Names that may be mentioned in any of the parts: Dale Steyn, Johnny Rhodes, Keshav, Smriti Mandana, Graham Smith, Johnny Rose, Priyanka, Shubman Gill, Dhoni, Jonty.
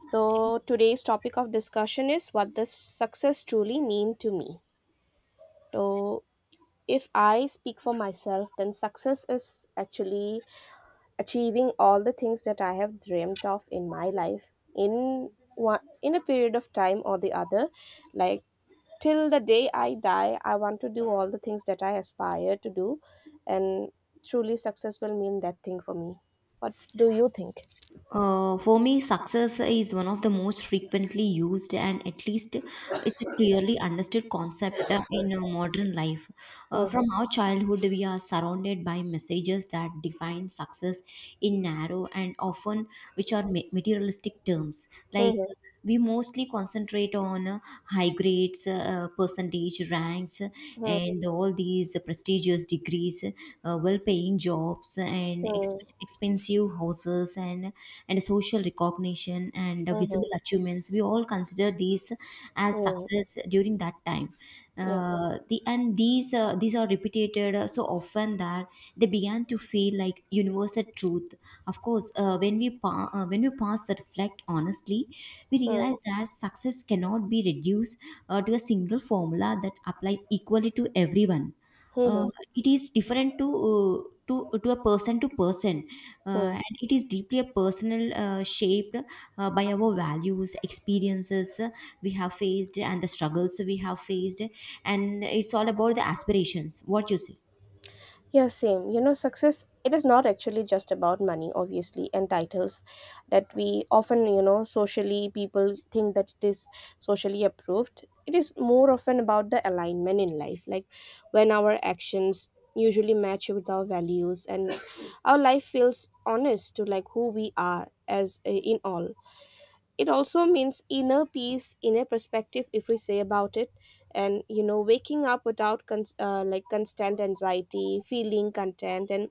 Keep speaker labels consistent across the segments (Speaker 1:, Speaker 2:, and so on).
Speaker 1: So today's topic of discussion is what does success truly mean to me? So if I speak for myself, then success is actually achieving all the things that I have dreamt of in my life in in a period of time or the other. Like till the day I die, I want to do all the things that I aspire to do, and truly success will mean that thing for me. What do you think?
Speaker 2: For me, success is one of the most frequently used and at least it's a clearly understood concept in modern life. From
Speaker 1: Hmm.
Speaker 2: our childhood, we are surrounded by messages that define success in narrow and often which are materialistic terms, like
Speaker 1: Hmm.
Speaker 2: we mostly concentrate on high grades, percentage ranks
Speaker 1: Hmm.
Speaker 2: and all these prestigious degrees, well paying jobs and
Speaker 1: Hmm.
Speaker 2: expensive houses and social recognition and
Speaker 1: Hmm.
Speaker 2: visible achievements. We all consider these as
Speaker 1: Hmm.
Speaker 2: success during that time.
Speaker 1: Hmm.
Speaker 2: These these are repeated so often that they began to feel like universal truth. Of course, when we pass the reflect honestly, we
Speaker 1: Yeah.
Speaker 2: realize that success cannot be reduced to a single formula that applies equally to everyone. uh,
Speaker 1: Hmm.
Speaker 2: it is different to a person to person,
Speaker 1: Hmm.
Speaker 2: and it is deeply a personal, shaped by our values, experiences, we have faced and the struggles we have faced, and it's all about the aspirations, what you say.
Speaker 1: Yeah, same. Success, it is not actually just about money, obviously, and titles that we often, socially, people think that it is socially approved. It is more often about the alignment in life, like when our actions usually match with our values, and our life feels honest to, like, who we are, as in all. It also means inner peace, inner perspective, if we say about it. And waking up without like constant anxiety, feeling content, and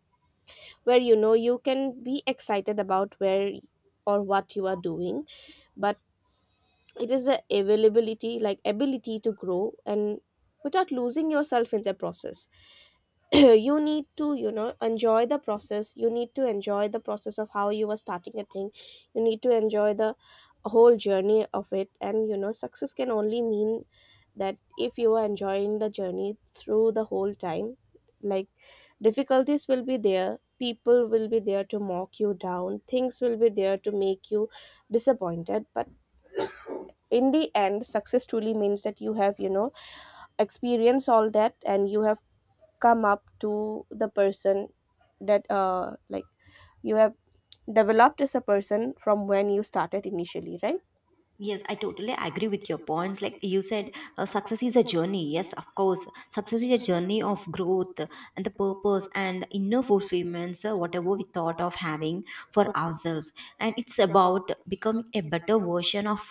Speaker 1: where you can be excited about where or what you are doing. But it is the availability, like ability, to grow and without losing yourself in the process. You need to enjoy the process. You need to enjoy the process of how you are starting a thing. You need to enjoy the whole journey of it. And success can only mean that if you are enjoying the journey through the whole time. Like, difficulties will be there, people will be there to mock you down, things will be there to make you disappointed. But in the end, success truly means that you have, experienced all that, and you have come up to the person that, like, you have developed as a person from when you started initially, right?
Speaker 2: Yes, I totally agree with your points. Like you said, success is a journey. Yes, of course. Success is a journey of growth and the purpose and the inner fulfillments, whatever we thought of having for ourselves. And it's about becoming a better version of,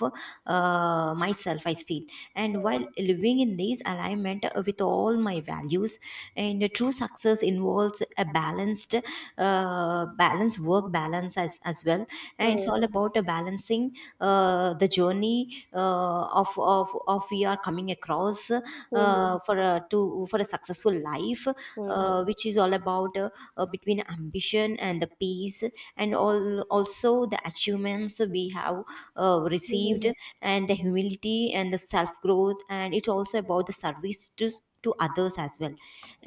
Speaker 2: myself, I feel. And while living in this alignment with all my values, and true success involves a balanced, balanced balance work, balance as, well, and it's
Speaker 1: Hmm,
Speaker 2: all about balancing the journey of we are coming across
Speaker 1: mhm,
Speaker 2: for a successful life,
Speaker 1: mhm,
Speaker 2: which is all about between ambition and the peace and all also the achievements we have received,
Speaker 1: mhm,
Speaker 2: and the humility and the self growth, and it's also about the service to others as well.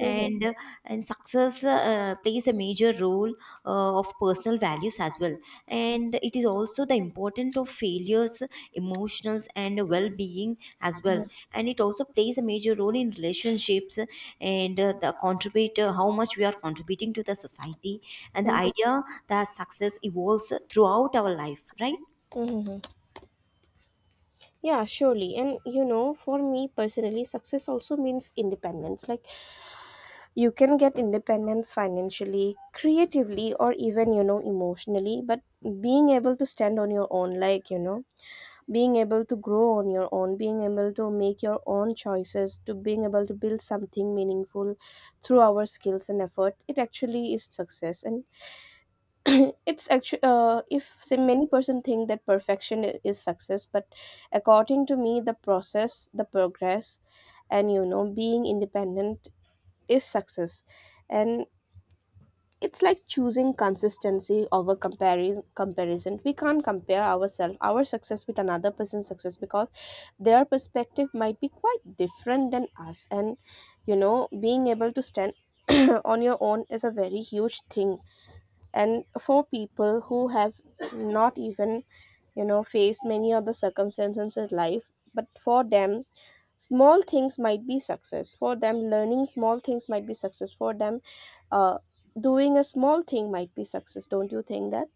Speaker 1: mhm,
Speaker 2: uh, and success plays a major role of personal values as well, and it is also the importance of failures, emotions and well-being as well.
Speaker 1: mhm,
Speaker 2: And it also plays a major role in relationships and the contributor how much we are contributing to the society, and the
Speaker 1: mhm,
Speaker 2: idea that success evolves throughout our life, right?
Speaker 1: mhm, mhm. Yeah, surely. And, for me personally, success also means independence. Like, you can get independence financially, creatively, or even, emotionally. But being able to stand on your own, like, being able to grow on your own, being able to make your own choices to, being able to build something meaningful through our skills and effort, it actually is success. And it's actually, if say, many person think that perfection is success. But according to me, the process, the progress, and, being independent is success. And it's like choosing consistency over comparison. Comparison. We can't compare ourselves, our success, with another person's success, because their perspective might be quite different than us. And, being able to stand on your own is a very huge thing. And for people who have not even, faced many other circumstances in life, but for them, small things might be success for them, learning small things might be success for them, uh, doing a small thing might be success, don't you think that?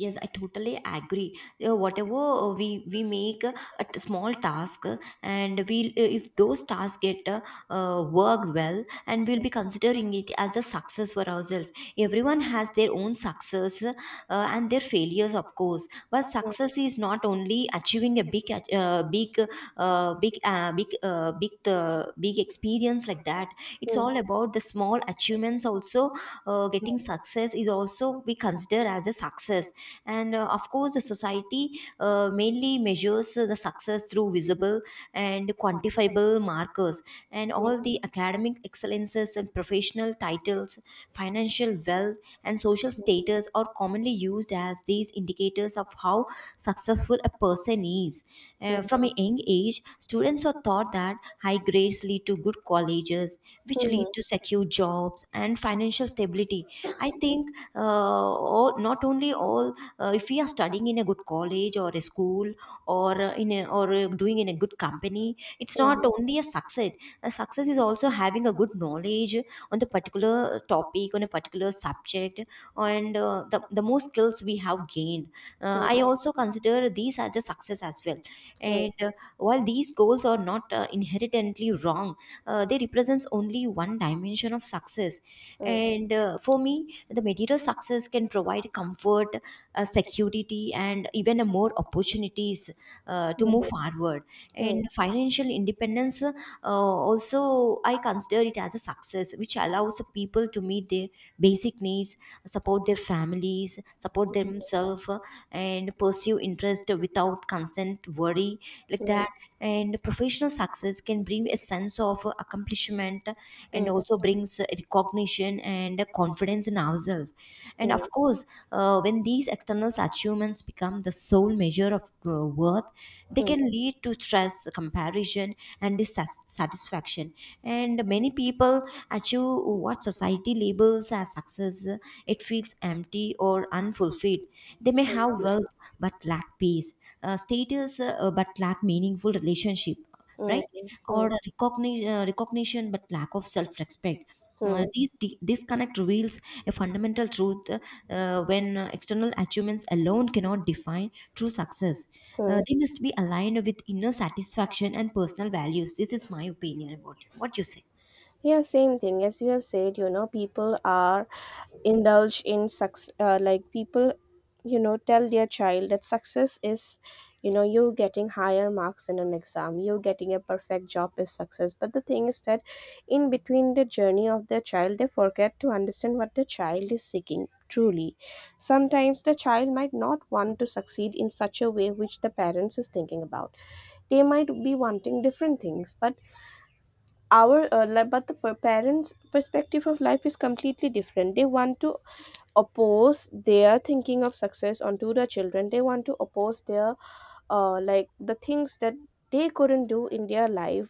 Speaker 2: Yes, I totally agree. Whatever we make a small task, and we will, if those tasks get worked well, and we'll be considering it as a success for ourselves. Everyone has their own success and their failures, of course. But success is not only achieving a big, ach- big, big, big, big, big experience like that. It's
Speaker 1: Mm,
Speaker 2: all about the small achievements also. Getting success is also we consider as a success. And of course, the society mainly measures the success through visible and quantifiable markers, and
Speaker 1: mm,
Speaker 2: all the academic excellences and professional titles, financial wealth, and social status are commonly used as these indicators of how successful a person is.
Speaker 1: mm,
Speaker 2: From a young age, students are taught that high grades lead to good colleges,
Speaker 1: mm,
Speaker 2: which lead
Speaker 1: mm,
Speaker 2: to secure jobs and financial stability. I think not only all, if we are studying in a good college or a school or doing in a good company, it's not
Speaker 1: mm,
Speaker 2: only a success. A success is also having a good knowledge on the particular topic, on a particular subject, and the more skills we have gained, I also consider these as a success as well.
Speaker 1: mm,
Speaker 2: And While these goals are not inherently wrong, they represents only one dimension of success.
Speaker 1: mm,
Speaker 2: And for me, the material success can provide comfort, security and even a more opportunities to
Speaker 1: mm,
Speaker 2: move
Speaker 1: mm,
Speaker 2: forward. And
Speaker 1: mm,
Speaker 2: financial independence also I consider it as a success, which allows people to meet their basic needs, support their families, support themselves, and pursue interest without consent, worry,
Speaker 1: mm,
Speaker 2: like
Speaker 1: mm, mm,
Speaker 2: that. And professional success can bring a sense of accomplishment, and also brings recognition and confidence in ourselves.
Speaker 1: mm,
Speaker 2: And of
Speaker 1: mm,
Speaker 2: course, when these external achievements become the sole measure of worth, they
Speaker 1: mm, mm,
Speaker 2: can lead to stress, comparison, and dissatisfaction. And many people achieve what society labels as success, it feels empty or unfulfilled. They may have wealth but lack peace, status but lack meaningful relationship, right? Or
Speaker 1: mm,
Speaker 2: recognition, recognition but lack of self respect.
Speaker 1: mm,
Speaker 2: These disconnect reveals a fundamental truth, when external achievements alone cannot define true success.
Speaker 1: mm.
Speaker 2: They must be aligned with inner satisfaction and personal values. This is my opinion about it. What you say?
Speaker 1: Yeah, same thing. As you have said, people are indulge in success. Like, people, tell their child that success is, you getting higher marks in an exam, you getting a perfect job is success. But the thing is that, in between the journey of their child, they forget to understand what the child is seeking. Truly, sometimes the child might not want to succeed in such a way which the parents is thinking about. They might be wanting different things. But our but the parents perspective of life is completely different. They want to oppose their thinking of success onto the children. They want to oppose their, like, the things that they couldn't do in their life,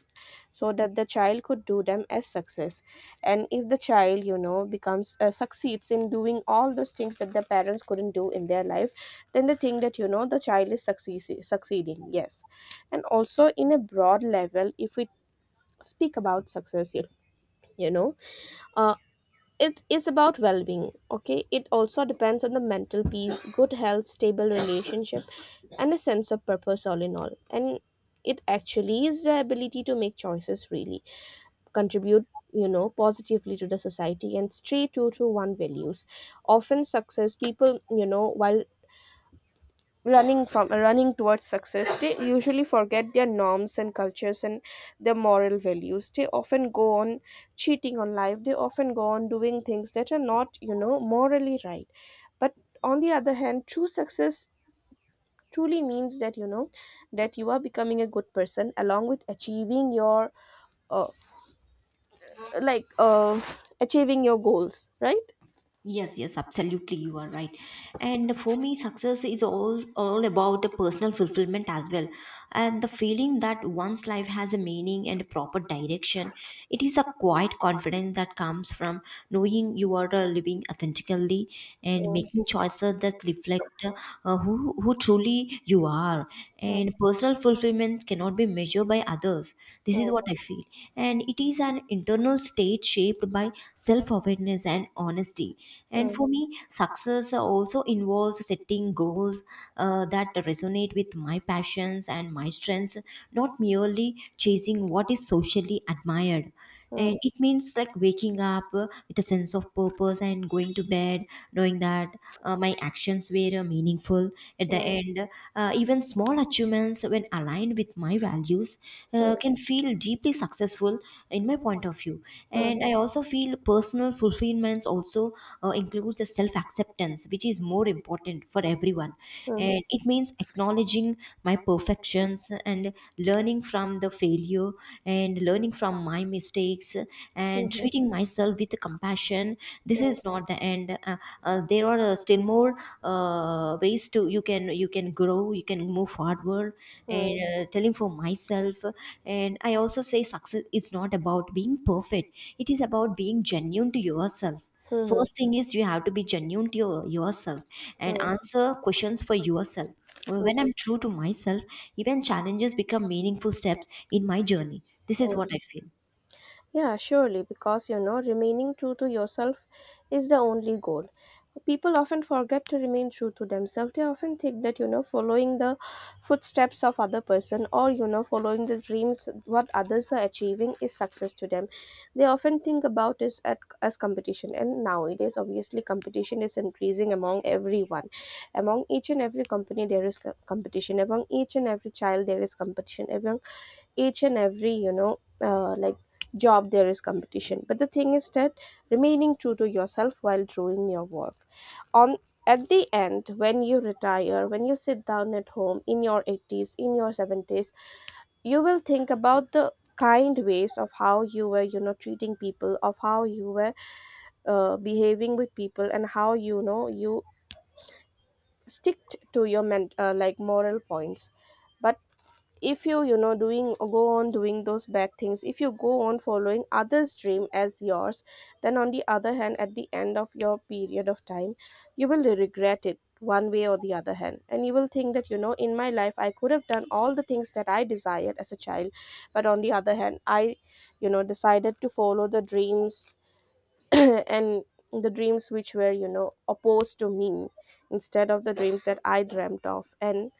Speaker 1: so that the child could do them as success. And if the child, becomes, succeeds in doing all those things that the parents couldn't do in their life, then they think that, the child is succeeding, yes. And also, in a broad level, if we speak about success, you know uh, it is about well-being, okay? It also depends on the mental peace, good health, stable relationship, and a sense of purpose, all in all. And it actually is the ability to make choices, really contribute, positively to the society, and stray true to one values. Often success people, while running towards success, they usually forget their norms and cultures and their moral values. They often go on cheating on life. They often go on doing things that are not, morally right. But on the other hand, true success truly means that, that you are becoming a good person along with uh, like uh, achieving your goals, right?
Speaker 2: Yes, yes, absolutely, you are right. And for me, success is all about the personal fulfillment as well, and the feeling that one's life has a meaning and a proper direction. It is a quiet confidence that comes from knowing you are living authentically and
Speaker 1: So,
Speaker 2: making choices that reflect who truly you are. And personal fulfillment cannot be measured by others. This is what
Speaker 1: Mm,
Speaker 2: I feel, and it is an internal state shaped by self-awareness and honesty. And
Speaker 1: mm,
Speaker 2: for me, success also involves setting goals that resonate with my passions and my strengths, not merely chasing what is socially admired.
Speaker 1: mm,
Speaker 2: And it means like waking up with a sense of purpose and going to bed knowing that my actions were meaningful at the
Speaker 1: mm,
Speaker 2: end. Even small achievements, when aligned with my values, can feel deeply successful in my point of view.
Speaker 1: mm,
Speaker 2: And
Speaker 1: mm,
Speaker 2: I also feel personal fulfillments also includes a self acceptance, which is more important for everyone.
Speaker 1: mm,
Speaker 2: And it means acknowledging my perfections and learning from the failure, and learning from my mistakes and
Speaker 1: mm,
Speaker 2: treating myself with compassion. This
Speaker 1: mm,
Speaker 2: is not the end. There are still more ways to, you can, grow, you can move forward. And
Speaker 1: mm,
Speaker 2: telling for myself, and I also say success is not about being perfect, it is about being genuine to yourself.
Speaker 1: mm,
Speaker 2: First
Speaker 1: mm,
Speaker 2: thing is you have to be genuine to your, yourself, and
Speaker 1: mm.
Speaker 2: answer questions for yourself when
Speaker 1: 嗯
Speaker 2: I'm true to myself. Even challenges become meaningful steps in my journey. This is what I
Speaker 1: 嗯。
Speaker 2: feel.
Speaker 1: Yeah, surely, because, remaining true to yourself is the only goal. People often forget to remain true to themselves. They often think that, following the footsteps of other person, or, following the dreams what others are achieving, is success to them. They often think about it as competition, and nowadays, obviously, competition is increasing among everyone. Among each and every company, there is competition. Among each and every child, there is competition. Among each and every, like, job, there is competition. But the thing is that, remaining true to yourself while doing your work on at the end, when you retire, when you sit down at home in your 80s, in your 70s, you will think about the kind ways of how you were, treating people, of how you were, behaving with people, and how, you sticked to your moral points. But if you, you know doing go on doing those bad things, if you go on following others dream as yours, then on the other hand, at the end of your period of time, you will regret it one way or the other hand. And you will think that, in my life I could have done all the things that I desired as a child, but on the other hand, I, decided to follow the dreams, and the dreams which were, opposed to me, instead of the dreams that I dreamt of, and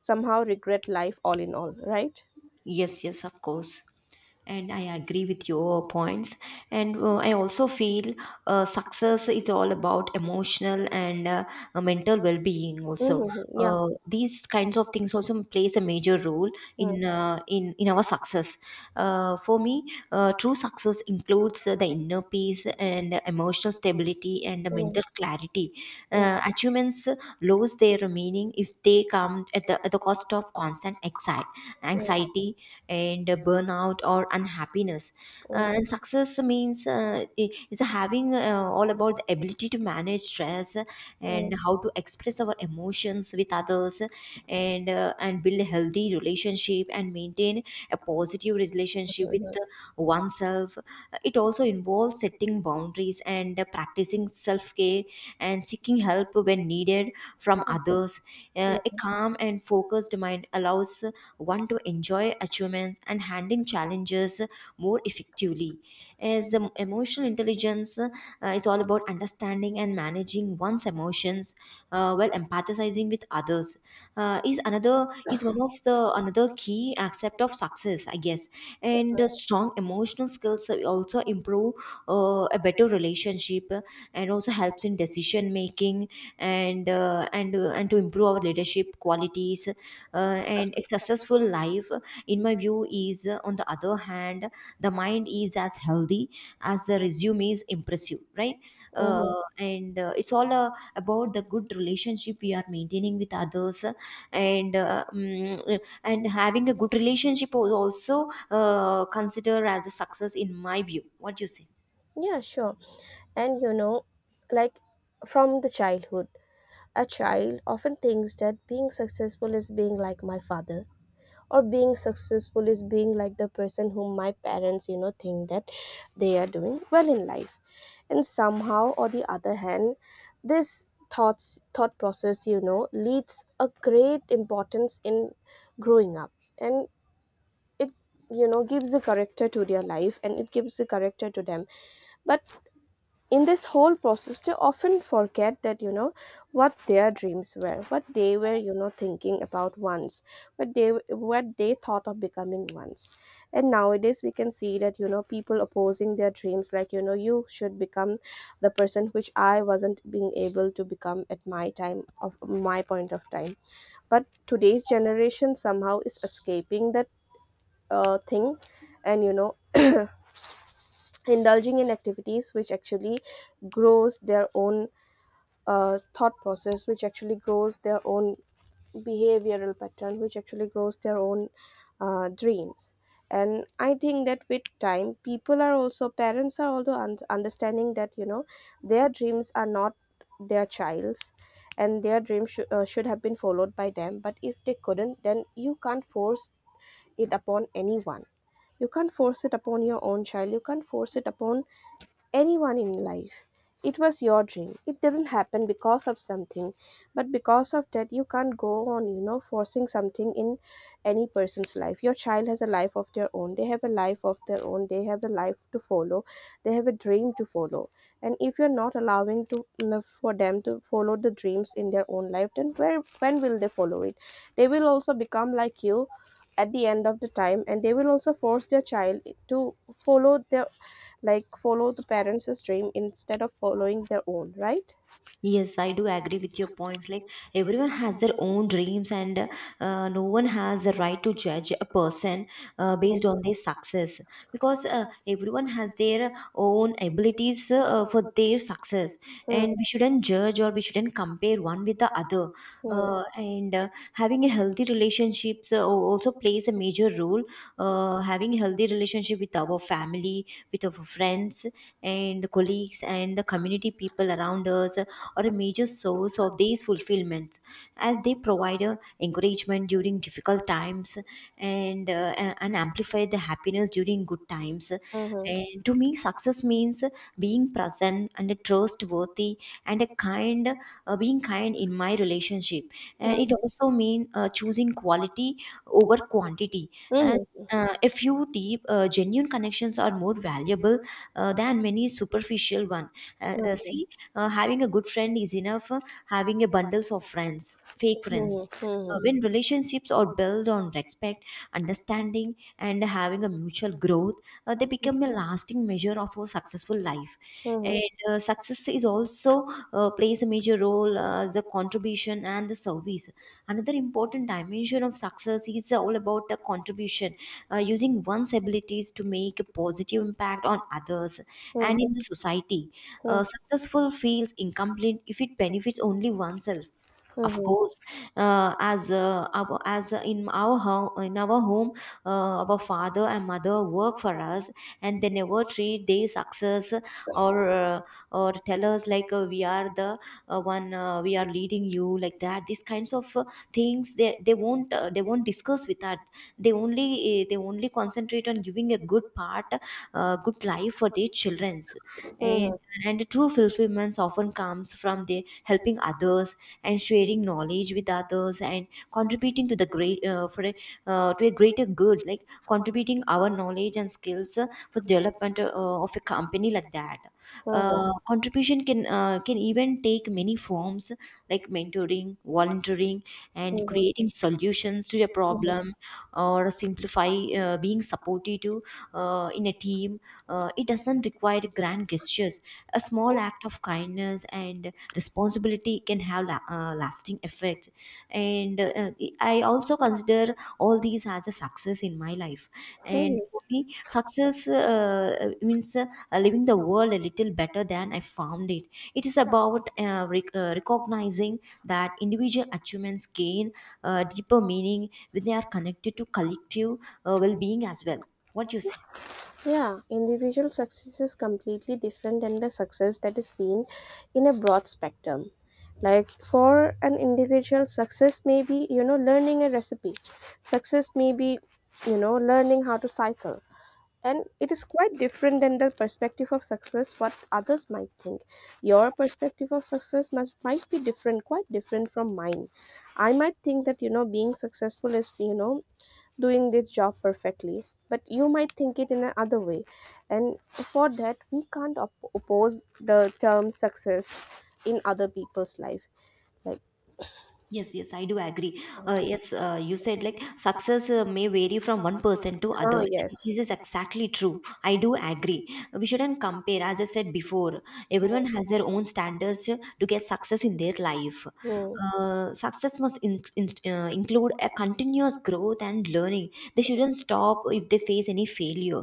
Speaker 1: somehow regret life all in all, right?
Speaker 2: Yes, yes, of course. And I agree with your points. And I also feel success is all about emotional and mental well-being.
Speaker 1: Mhm,
Speaker 2: Also,
Speaker 1: mhm, yeah.
Speaker 2: these kinds of things also plays a major role
Speaker 1: Mm,
Speaker 2: in our success. For me, true success includes the inner peace and emotional stability and
Speaker 1: mm,
Speaker 2: mental clarity.
Speaker 1: mm,
Speaker 2: Achievements lose their meaning if they come at at the cost of constant
Speaker 1: mm,
Speaker 2: anxiety and burnout or unhappiness.
Speaker 1: mm,
Speaker 2: And success means is having all about the ability to manage stress and
Speaker 1: mm,
Speaker 2: how to express our emotions with others, and build a healthy relationship and maintain a positive relationship with
Speaker 1: mhm,
Speaker 2: oneself. It also involves setting boundaries and practicing self care and seeking help when needed from others. A
Speaker 1: mhm,
Speaker 2: calm and focused mind allows one to enjoy achievements and handling challenges more effectively. As emotional intelligence, it's all about understanding and managing one's emotions while empathizing with others. Is one of the another key aspect of success, I guess. And strong emotional skills also improve a better relationship, and also helps in decision making and to improve our leadership qualities. And a successful life, in my view, is on the other hand, the mind is as healthy as the resume is impressive, right?
Speaker 1: mhm.
Speaker 2: And It's all about the good relationship we are maintaining with others. And having a good relationship was also considered as a success in my view, what do you say?
Speaker 1: Yeah, sure. And, like from the childhood, a child often thinks that being successful is being like my father, or being successful is being like the person whom my parents, think that they are doing well in life. And somehow or the other hand, this thought process, leads a great importance in growing up. And it, gives a character to their life, and it gives a character to them. But in this whole process, they often forget that, what their dreams were, what they were, thinking about once, what they what they thought of becoming once. And nowadays we can see that, people opposing their dreams, like, you should become the person which I wasn't being able to become at my time, of my point of time. But today's generation somehow is escaping that, thing, and, indulging in activities which actually grows their own, thought process, which actually grows their own behavioral pattern, which actually grows their own, dreams. And I think that with time, people are also parents are also understanding that, their dreams are not their child's, and their dreams should have been followed by them. But if they couldn't, then you can't force it upon anyone. You can't force it upon your own child. You can't force it upon anyone in life. It was your dream. It didn't happen because of something, but because of that, you can't go on, forcing something in any person's life. Your child has a life of their own. They have a life of their own. They have a life to follow. They have a dream to follow. And if you're not allowing to, for them to follow the dreams in their own life, then where when will they follow it? They will also become like you at the end of the time, and they will also force their child to follow their like, follow the parents' dream instead of following their own, right?
Speaker 2: Yes, I do agree with your points. Like, everyone has their own dreams, and no one has the right to judge a person based on their success, because everyone has their own abilities for their success,
Speaker 1: Mm-hmm.
Speaker 2: and we shouldn't judge or we shouldn't compare one with the other.
Speaker 1: Mm-hmm.
Speaker 2: And Having a healthy relationships also plays a major role. Having a healthy relationship with our family, with our friends and colleagues and the community people around us are a major source of these fulfillments, as they provide encouragement during difficult times and and amplify the happiness during good times. And to me, success means being present and trustworthy and a kind, being kind in my relationship, and it
Speaker 1: Mm-hmm.
Speaker 2: also means choosing quality over quantity, as
Speaker 1: Mm-hmm.
Speaker 2: a few deep genuine connections are more valuable than many superficial one. See, having a good friend is enough. Having a bundles of friends, fake friends. When relationships are built on respect, understanding, and having a mutual growth, they become a lasting measure of a successful life.
Speaker 1: Mm-hmm.
Speaker 2: And success is also plays a major role, the contribution and the service. Another important dimension of success is all about the contribution, using one's abilities to make a positive impact on others and in the society. Successful feels incomplete if it benefits only oneself. Of course, as our, as in our home, our father and mother work for us, and they never treat their success or uh, or tell us like we are we are leading you like that. These kinds of things they won't, they won't discuss with that. They only concentrate on giving good life for their childrens. And and true fulfillment often comes from the helping others and sharing knowledge with others and contributing to the to a greater good, like contributing our knowledge and skills for the development of a company like that. Contribution can even take many forms like mentoring, volunteering, and creating solutions to a problem or simplify, being supportive to, in a team. It doesn't require grand gestures. A small act of kindness and responsibility can have lasting effects. And I also consider all these as a success in my life. And
Speaker 1: Mm-hmm.
Speaker 2: for me, success means living the world a little better than I found it. It is about recognizing that individual achievements gain deeper meaning when they are connected to collective well being as well. What do you say?
Speaker 1: Yeah, individual success is completely different than the success that is seen in a broad spectrum. Like, for an individual, success may be, learning a recipe. Success may be, learning how to cycle. And it is quite different than the perspective of success what others might think. Your perspective of success might be different, quite different from mine. I might think that, being successful is, doing this job perfectly, but you might think it in another way. And for that, we can't oppose the term success in other people's life, like,
Speaker 2: Yes, yes, I do agree.
Speaker 1: uh,
Speaker 2: Yes, you said like success may vary from one person to other.
Speaker 1: oh
Speaker 2: This
Speaker 1: yes,
Speaker 2: is exactly true. I do agree. We shouldn't compare. As I said before, everyone has their own standards to get success in their life.
Speaker 1: mm-hmm,
Speaker 2: Success must include a continuous growth and learning. They shouldn't stop if they face any failure.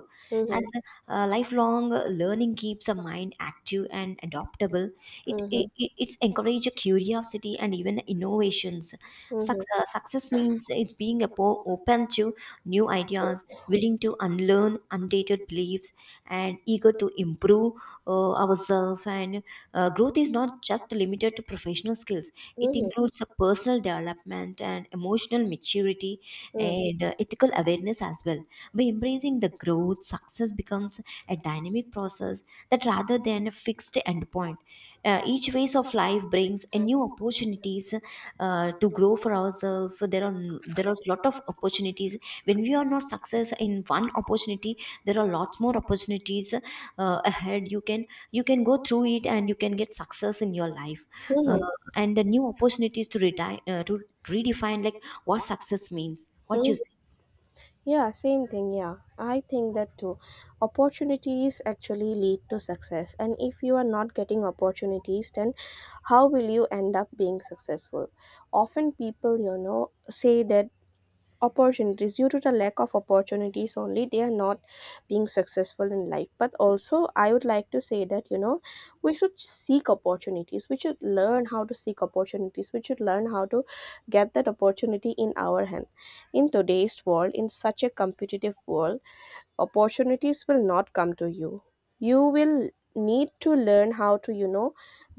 Speaker 2: As
Speaker 1: mm-hmm,
Speaker 2: lifelong learning keeps a mind active and adaptable,
Speaker 1: mm-hmm,
Speaker 2: it's encourage curiosity and even innovations.
Speaker 1: mm-hmm,
Speaker 2: Success means it's being a open to new ideas, willing to unlearn undated beliefs, and eager to improve ourselves. And growth is not just limited to professional skills; it
Speaker 1: mm-hmm,
Speaker 2: includes a personal development and emotional maturity
Speaker 1: mm-hmm,
Speaker 2: and ethical awareness as well. By embracing the growth, success becomes a dynamic process that rather than a fixed endpoint. Each phase of life brings a new opportunities to grow for ourselves. There are lot of opportunities. When we are not success in one opportunity, there are lots more opportunities ahead. You can go through it and you can get success in your life. Uh,
Speaker 1: mm-hmm,
Speaker 2: and the new opportunities to retire to redefine like what success means. What you
Speaker 1: mm-hmm.
Speaker 2: say?
Speaker 1: Yeah, same thing. Yeah, I think that too. Opportunities actually lead to success, and if you are not getting opportunities, then how will you end up being successful? Often people, say that opportunities due to the lack of opportunities only, they are not being successful in life. But also, I would like to say that, we should seek opportunities. We should learn how to seek opportunities. We should learn how to get that opportunity in our hand. In today's world, in such a competitive world, opportunities will not come to you. You will need to learn how to,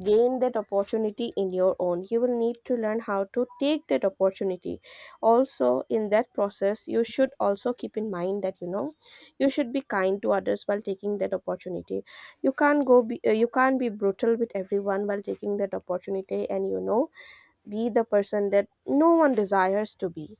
Speaker 1: gain that opportunity in your own. You will need to learn how to take that opportunity. Also, in that process, you should also keep in mind that, you should be kind to others while taking that opportunity. You can't go be, uh, you can't be brutal with everyone while taking that opportunity, and, be the person that no one desires to be,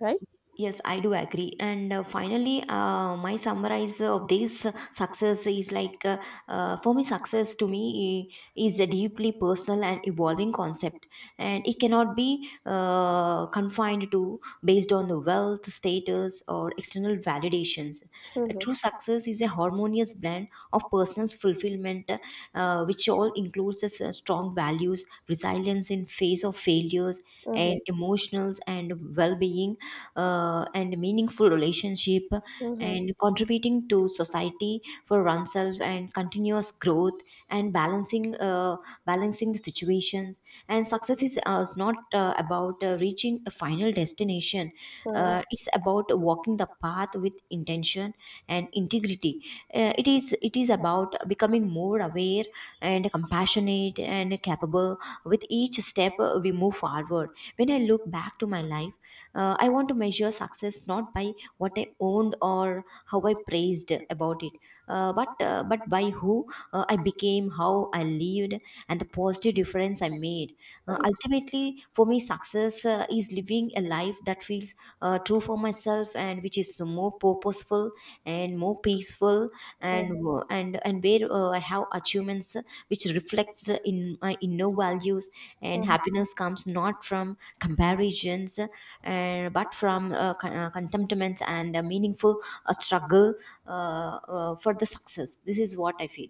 Speaker 1: right?
Speaker 2: Yes, I do agree. And Finally, my summarize of this success is for me, success to me is a deeply personal and evolving concept, and it cannot be confined to based on the wealth, status, or external validations. A
Speaker 1: Mm-hmm.
Speaker 2: true success is a harmonious blend of personal fulfillment, which all includes a strong strong values, resilience in face of failures,
Speaker 1: Mm-hmm.
Speaker 2: and emotionals and well-being, and meaningful relationship,
Speaker 1: Mm-hmm.
Speaker 2: and contributing to society for oneself and continuous growth and balancing the situations. And success is not about reaching a final destination. It's about walking the path with intention and integrity. It is about becoming more aware and compassionate and capable with each step we move forward. When I look back to my life, I want to measure success not by what I owned or how I praised about it, but by who I became, how I lived, and the positive difference I made. Ultimately, for me, success is living a life that feels true for myself and which is more purposeful and more peaceful
Speaker 1: Mm-hmm.
Speaker 2: and where I have achievements which reflects the in my inner values and happiness comes not from comparisons, but from contentment and a meaningful struggle for the success. This is what I feel.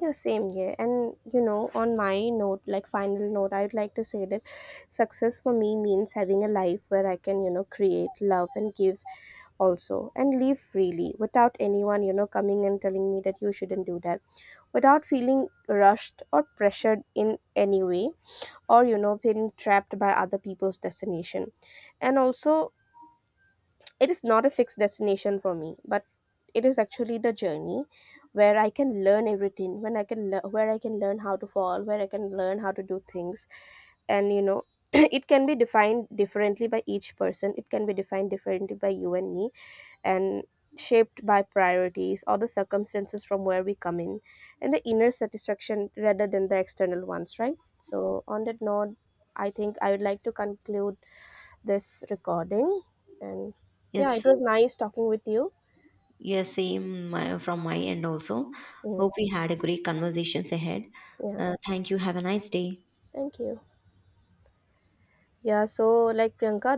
Speaker 1: Yeah, same, here. And, on my note, like, final note, I would like to say that success for me means having a life where I can, create, love, and give also, and live freely without anyone, coming and telling me that you shouldn't do that, without feeling rushed or pressured in any way, or, feeling trapped by other people's destination. And also, it is not a fixed destination for me, but it is actually the journey where I can learn everything, when I can lear where I can learn how to fall, where I can learn how to do things. And, it can be defined differently by each person. It can be defined differently by you and me, and shaped by priorities or the circumstances from where we come in, and the inner satisfaction rather than the external ones, right? So on that note, I think I would like to conclude this recording. And yeah,
Speaker 2: Yes,
Speaker 1: it
Speaker 2: uh,
Speaker 1: was nice talking with you.
Speaker 2: yes, same from my end also.
Speaker 1: Mm,
Speaker 2: Hope we had a great conversations ahead.
Speaker 1: yeah,
Speaker 2: Thank you. Have a nice day.
Speaker 1: thank you. Yeah, so like Priyanka,